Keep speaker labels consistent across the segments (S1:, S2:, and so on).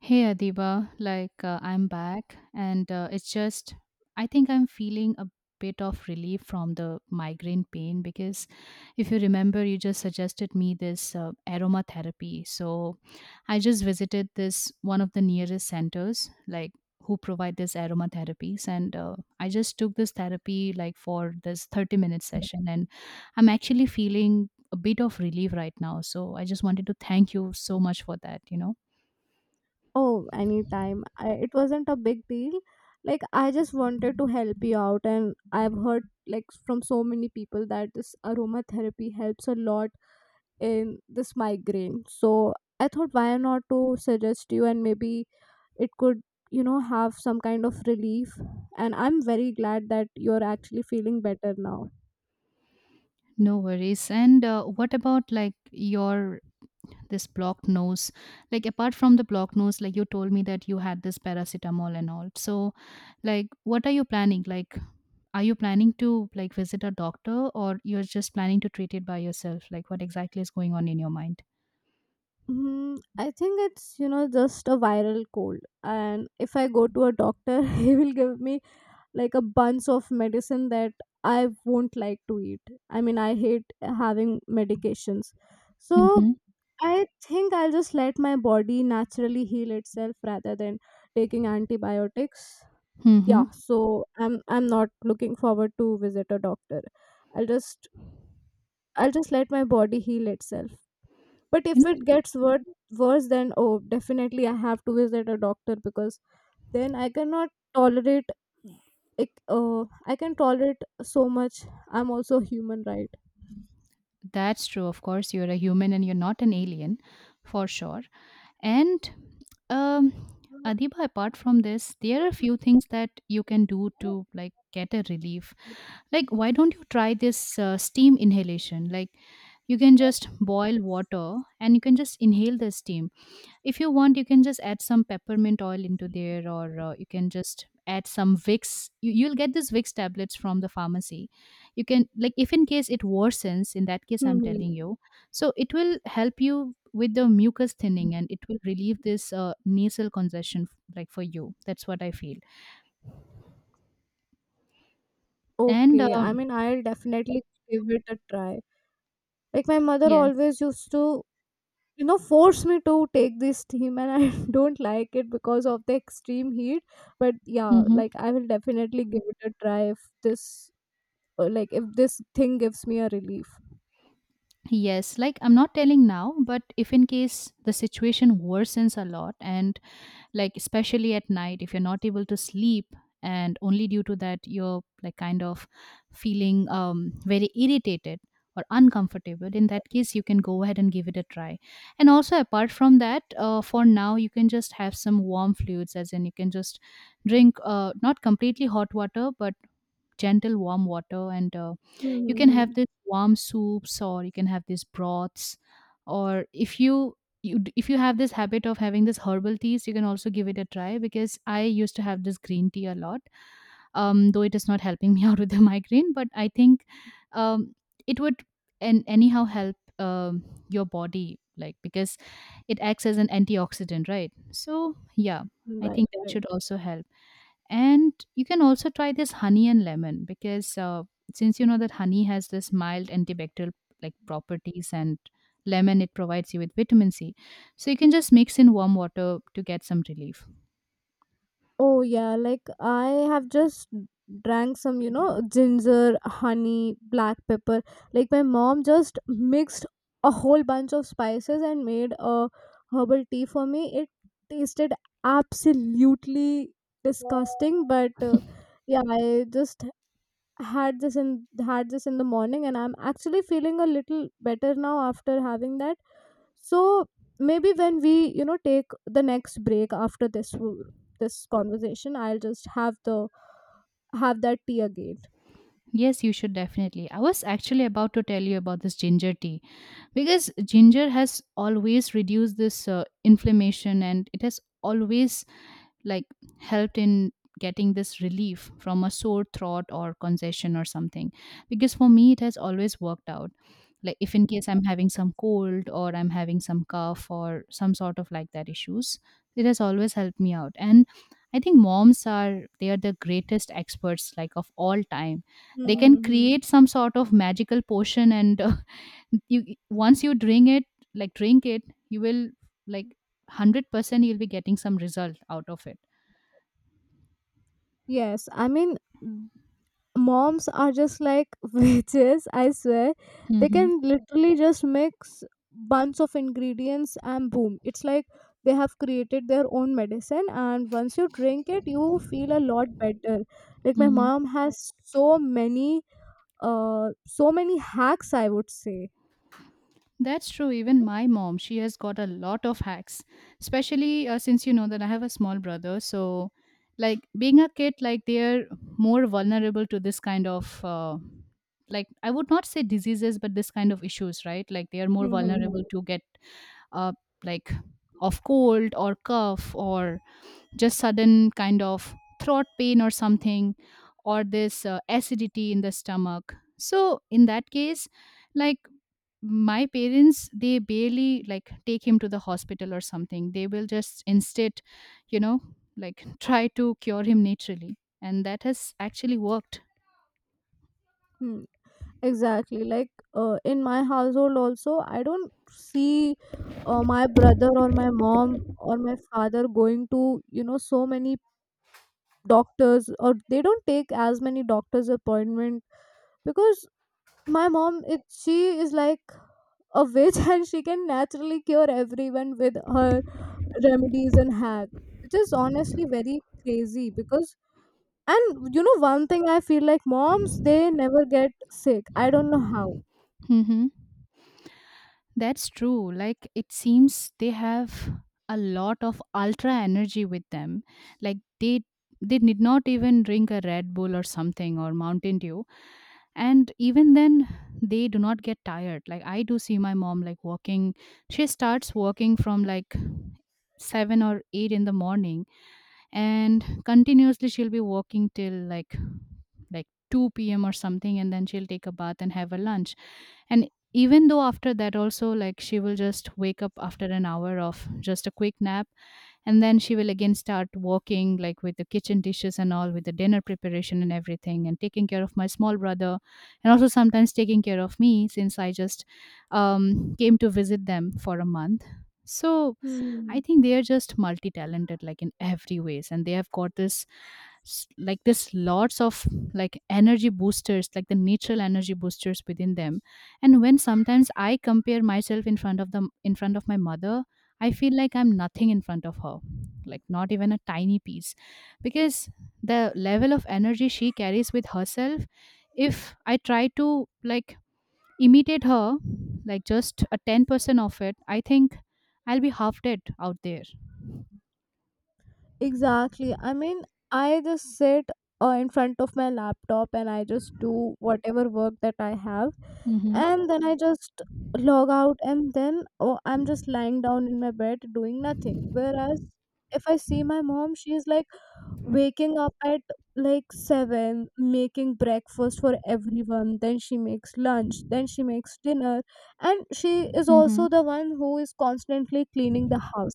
S1: Hey Adiba, I'm back, and it's just I think I'm feeling a bit of relief from the migraine pain because if you remember, you just suggested me this aromatherapy. So I just visited this one of the nearest centers, like who provide this aromatherapies, and I just took this therapy like for this 30-minute session, and I'm actually feeling a bit of relief right now. So I just wanted to thank you so much for that.
S2: Oh, anytime. It wasn't a big deal. Like, I just wanted to help you out, and I've heard like from so many people that this aromatherapy helps a lot in this migraine. So I thought, why not to suggest you, and maybe it could, you know, have some kind of relief. And I'm very glad that you're actually feeling better now.
S1: No worries. And What about like your this blocked nose? Like apart from the blocked nose, like you told me that you had this paracetamol and all. So, like, what are you planning? Like, are you planning to like visit a doctor, or you're just planning to treat it by yourself? Like, what exactly is going on in your mind?
S2: I think it's you know just a viral cold, and if I go to a doctor, he will give me like a bunch of medicine that I won't like to eat. I mean, I hate having medications. So
S1: Mm-hmm.
S2: I think I'll just let my body naturally heal itself rather than taking antibiotics.
S1: Mm-hmm.
S2: Yeah, so I'm not looking forward to visit a doctor. I'll just I'll just let my body heal itself. But
S1: You
S2: if
S1: know,
S2: it gets worse, then oh, definitely I have to visit a doctor, because then I cannot tolerate, like I can tolerate so much. I'm also human, right?
S1: that's true. Of course, you're a human and you're not an alien, for sure. And um, Adiba, apart from this, there are a few things that you can do to like get a relief. Like, why don't you try this steam inhalation? Like, you can just boil water and you can just inhale the steam if you want, you can just add some peppermint oil into there, or you can just add some Vicks. You'll get these Vicks tablets from the pharmacy. You can, like, if in case it worsens, in that case, I'm
S2: Hmm.
S1: telling you. So it will help you with the mucus thinning and it will relieve this nasal congestion, like for you. That's what I feel. And
S2: Okay, I mean, I'll definitely give it a try. Like, my mother
S1: Yes.
S2: always used to you know force me to take this steam and I don't like it because of the extreme heat, but yeah,
S1: Hmm.
S2: like I will definitely give it a try if this like if this thing gives me a relief.
S1: Yes, like I'm not telling now, but if in case the situation worsens a lot and like especially at night if you're not able to sleep and only due to that you're like kind of feeling very irritated or uncomfortable, in that case you can go ahead and give it a try. And also apart from that, for now you can just have some warm fluids as in you can just drink not completely hot water but gentle warm water, and you can have
S2: Mm-hmm.
S1: this warm soups or you can have these broths, or if you if you have this habit of having this herbal teas, you can also give it a try because I used to have this green tea a lot. Though it is not helping me out with the migraine, but I think um, it would and anyhow help your body, like because it acts as an antioxidant, right? So yeah, I
S2: Right,
S1: think that
S2: right.
S1: should also help. And you can also try this honey and lemon because since you know that honey has this mild antibacterial like properties, and lemon it provides you with vitamin C. So you can just mix in warm water to get some relief.
S2: Oh yeah, like I have just drank some, you know, ginger, honey, black pepper. Like, my mom just mixed a whole bunch of spices and made a herbal tea for me. It tasted absolutely disgusting, but yeah, I just had this in the morning and I'm actually feeling a little better now after having that. So maybe when we you know take the next break after this conversation, I'll just have that tea again.
S1: Yes, you should definitely. I was actually about to tell you about this ginger tea because ginger has always reduced this inflammation, and it has always like helped in getting this relief from a sore throat or congestion or something, because for me it has always worked out. Like if in case I'm having some cold or I'm having some cough or some sort of like that issues, it has always helped me out. And I think moms are, they are the greatest experts like of all time. They can
S2: Hmm.
S1: create some sort of magical potion, and you, once you drink it, like drink it, you will, like, 100% you'll be getting some result out of it.
S2: Yes, I mean, m- moms are just like witches, I swear. They
S1: Mhm.
S2: can literally just mix bunch of ingredients and boom. It's like they have created their own medicine, and once you drink it, you feel a lot better. Like, my
S1: Mhm.
S2: mom has so many so many hacks, I would say.
S1: That's true. Even my mom, she has got a lot of hacks, especially since you know that I have a small brother. So, like being a kid, like they're more vulnerable to this kind of, like I would not say diseases, but this kind of issues, right? Like they are more vulnerable
S2: Mm-hmm.
S1: to get, uh, like of cold or cough or just sudden kind of throat pain or something, or this acidity in the stomach. So in that case, like my parents, they barely like take him to the hospital or something, they will just instead, you know, like try to cure him naturally, and that has actually worked.
S2: Hmm, exactly. Like, in my household also I don't see my brother or my mom or my father going to you know so many doctors, or they don't take as many doctors appointment, because my mom, it she is like a witch and she can naturally cure everyone with her remedies and hacks, which is honestly very crazy because— And you know, one thing I feel like moms, they never get sick. I don't know how.
S1: Mm-hmm. That's true. Like it seems they have a lot of ultra energy with them. Like they did not even drink a Red Bull or something or Mountain Dew. And even then they do not get tired. Like I do see my mom like walking. She starts walking from like 7 or 8 in the morning and continuously she'll be working till like 2 p.m. or something, and then she'll take a bath and have a lunch. And even though after that also, like she will just wake up after an hour of just a quick nap, and then she will again start working like with the kitchen dishes and all, with the dinner preparation and everything, and taking care of my small brother, and also sometimes taking care of me since I just came to visit them for a month. So
S2: Hmm.
S1: I think they are just multi-talented like in every ways, and they have got this like this lots of like energy boosters, like the natural energy boosters within them. And when sometimes I compare myself in front of them, in front of my mother, I feel like I'm nothing in front of her, like not even a tiny piece, because the level of energy she carries with herself, if I try to like imitate her, like just a 10% of it, I think I'll be half dead out there.
S2: Exactly. I mean, I just sit in front of my laptop and I just do whatever work that I have.
S1: Mm-hmm.
S2: And then I just log out and then oh, I'm just lying down in my bed doing nothing. Whereas if I see my mom, she's like waking up at like 7, making breakfast for everyone, then she makes lunch, then she makes dinner, and she is
S1: Mm-hmm.
S2: also the one who is constantly cleaning the house.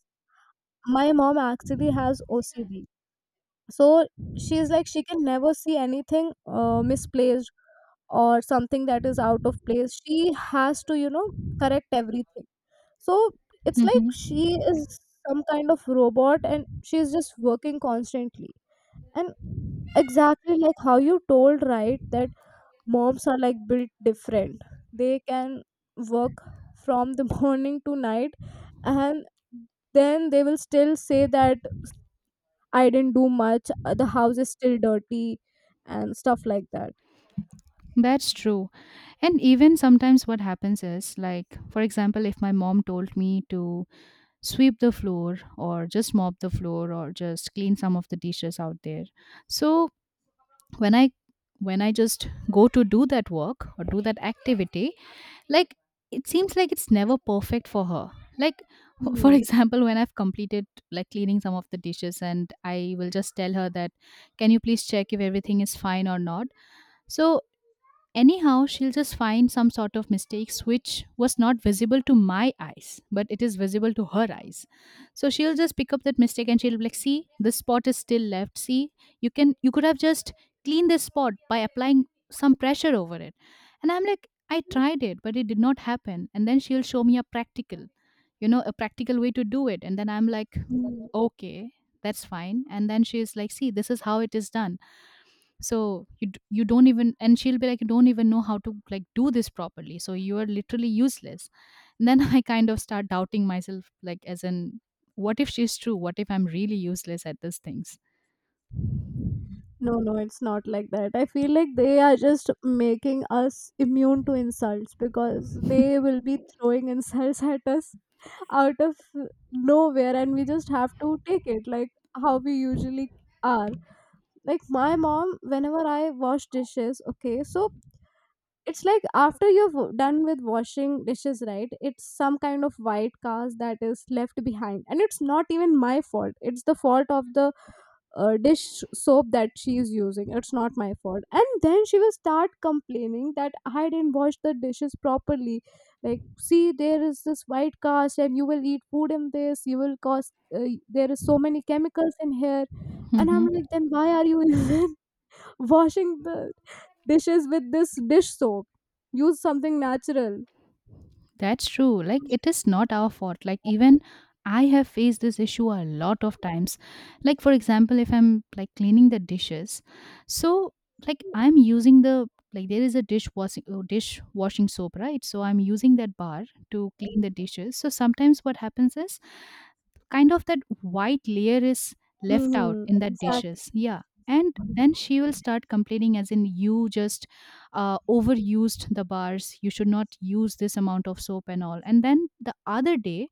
S2: My mom actually has OCD, so she's like, she can never see anything misplaced or something that is out of place. She has to you know correct everything. So it's like
S1: Mm-hmm.
S2: she is some kind of robot and she's just working constantly. And exactly like how you told, right? That moms are like built different. They can work from the morning to night, and then they will still say that I didn't do much, the house is still dirty, and stuff like that.
S1: That's true. And even sometimes what happens is, like, for example, if my mom told me to sweep the floor or just mop the floor or just clean some of the dishes out there. So when I when I just go to do that work or do that activity, like it seems like it's never perfect for her, like for
S2: Hmm.
S1: example when I've completed like cleaning some of the dishes and I will just tell her that can you please check if everything is fine or not. So anyhow, she'll just find some sort of mistakes which was not visible to my eyes, but it is visible to her eyes. So she'll just pick up that mistake and she'll be like, see, this spot is still left. See, you could have just cleaned this spot by applying some pressure over it. And I'm like, I tried it, but it did not happen. And then she'll show me a practical, you know, a practical way to do it. And then I'm like,
S2: Hmm.
S1: okay, that's fine. And then she's like, see, this is how it is done, so you don't even, and she'll be like, you don't even know how to like do this properly, so you are literally useless. And then I kind of start doubting myself, like as in, what if she's true, what if I'm really useless at these things.
S2: No, no, it's not like that. I feel like they are just making us immune to insults because they will be throwing insults at us out of nowhere and we just have to take it like how we usually are. Like my mom, whenever I wash dishes, okay, so it's like after you've done with washing dishes, right? It's some kind of white cast that is left behind, and it's not even my fault. It's the fault of the dish soap that she is using. It's not my fault, and then she will start complaining that I didn't wash the dishes properly. Like, see, there is this white cast and you will eat food in this, you will cause there is so many chemicals in here. And I'm like, then why are you even washing the dishes with this dish soap? Use something natural.
S1: That's true. Like, it is not our fault. Like, even I have faced this issue a lot of times. Like, for example, if I'm like cleaning the dishes, so like I'm using the like there is a dishwashing dish washing soap, right? So I'm using that bar to clean the dishes. So sometimes what happens is kind of that white layer is left out
S2: Hmm,
S1: in that
S2: exactly.
S1: dishes. Yeah. And then she will start complaining as in you just overused the bars, you should not use this amount of soap and all. And then the other day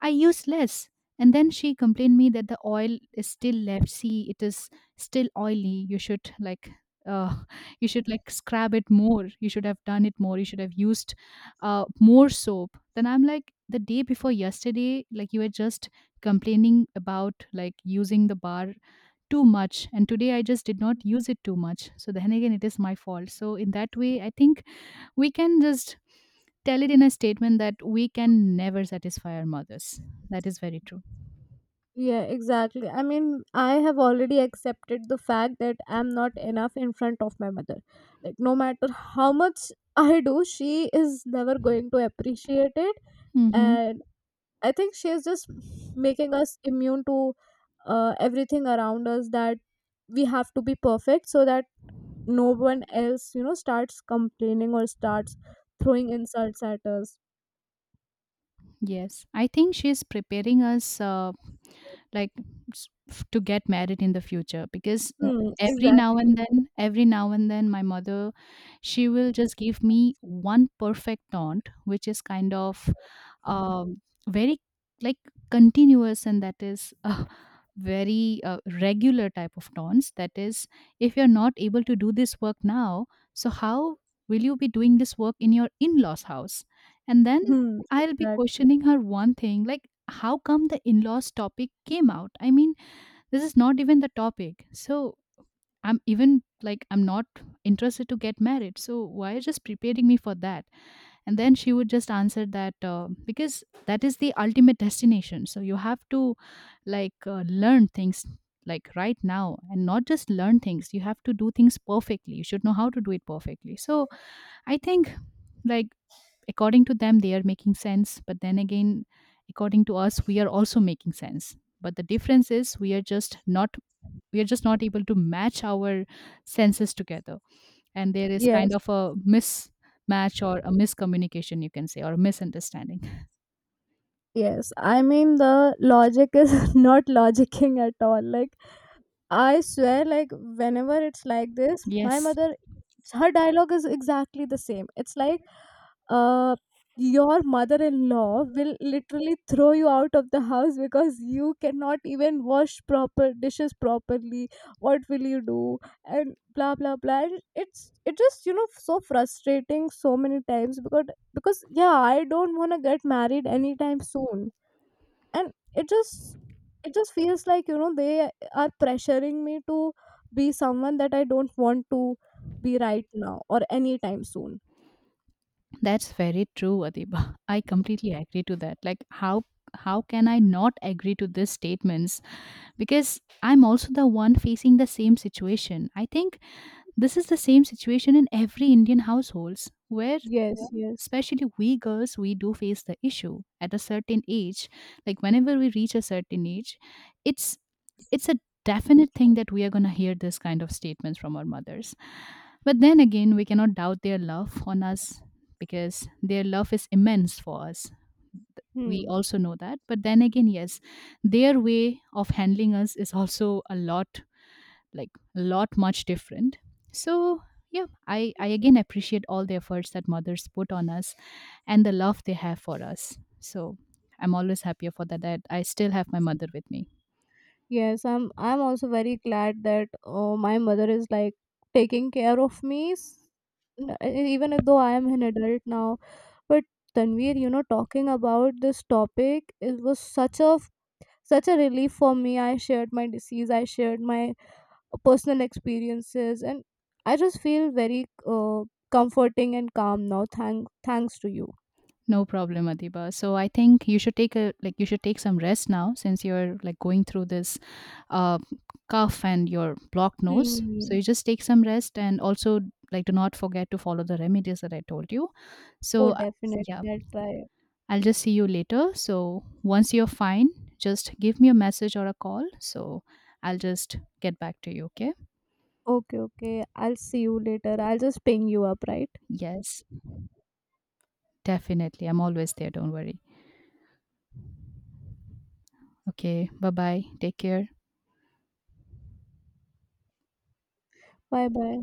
S1: I used less, and then she complained me that the oil is still left, see it is still oily, you should like uh, you should like scrub it more, you should have done it more, you should have used more soap. Then I'm like, the day before yesterday like you were just complaining about like using the bar too much, and today I just did not use it too much, so then again it is my fault. So in that way I think we can just tell it in a statement that we can never satisfy our mothers. That is very true.
S2: Yeah, exactly. I mean, I have already accepted the fact that I'm not enough in front of my mother. Like, no matter how much I do, she is never going to appreciate it.
S1: Mm-hmm.
S2: And I think she is just making us immune to everything around us, that we have to be perfect so that no one else, you know, starts complaining or starts throwing insults at us.
S1: Yes, I think she is preparing us like to get married in the future because
S2: Hmm,
S1: every now
S2: exactly.
S1: and then every now and then my mother, she will just give me one perfect taunt which is kind of um, very like continuous, and that is a very regular type of taunts, that is if you're not able to do this work now, so how will you be doing this work in your in-laws house. And then
S2: Hmm,
S1: I'll be
S2: exactly.
S1: questioning her one thing, like how come the in-laws topic came out, I mean this is not even the topic. So I'm even like, I'm not interested to get married, so why are you just preparing me for that. And then she would just answer that because that is the ultimate destination, so you have to like learn things like right now, and not just learn things, you have to do things perfectly, you should know how to do it perfectly. So I think like according to them they are making sense, but then again according to us we are also making sense, but the difference is we are just not able to match our senses together. And there is kind
S2: Yes.
S1: of a mismatch or a miscommunication you can say, or a misunderstanding.
S2: Yes, I mean, the logic is not logicking at all. Like, I swear, like whenever it's like this, my
S1: Yes,
S2: mother, her dialogue is exactly the same. It's like, uh, your mother-in-law will literally throw you out of the house because you cannot even wash proper dishes properly. What will you do? And blah blah blah. And it's, it just you know so frustrating so many times, because yeah, I don't wanna get married anytime soon, and it just, it just feels like you know they are pressuring me to be someone that I don't want to be right now or anytime soon.
S1: that's very true, Adiba. I completely agree to that. Like how can I not agree to these statements, because I'm also the one facing the same situation. I think this is the same situation in every Indian households, where
S2: Yes. Yeah, yes.
S1: especially we girls, we do face the issue at a certain age, like whenever we reach a certain age, it's it's a definite thing that we are going to hear this kind of statements from our mothers. But then again we cannot doubt their love on us, because their love is immense for us. We
S2: Hmm.
S1: also know that, but then again, yes, their way of handling us is also a lot, like a lot much different. So yeah, I again appreciate all the efforts that mothers put on us, and the love they have for us. So I'm always happier for that, that I still have my mother with me.
S2: Yes, I'm also very glad that my mother is like taking care of me, even though I am an adult now. But Tanvir, you know, talking about this topic, it was such a such a relief for me. I shared my disease, I shared my personal experiences, and I just feel very comforting and calm now, thanks to you.
S1: No problem, Adiba. So I think you should take a, like you should take some rest now since you're like going through this uh, cough and your blocked nose, so
S2: Hmm.
S1: you just take some rest. And also like do not forget to follow the remedies that I told you.
S2: Oh
S1: So
S2: definitely,
S1: yeah,
S2: I'll try.
S1: I'll just see you later. So once you're fine, just give me a message or a call. So I'll just get back to you. Okay.
S2: Okay, okay, I'll see you later. I'll just ping you up, right?
S1: Yes, definitely. I'm always there. Don't worry. Okay. Bye bye. Take care.
S2: Bye bye.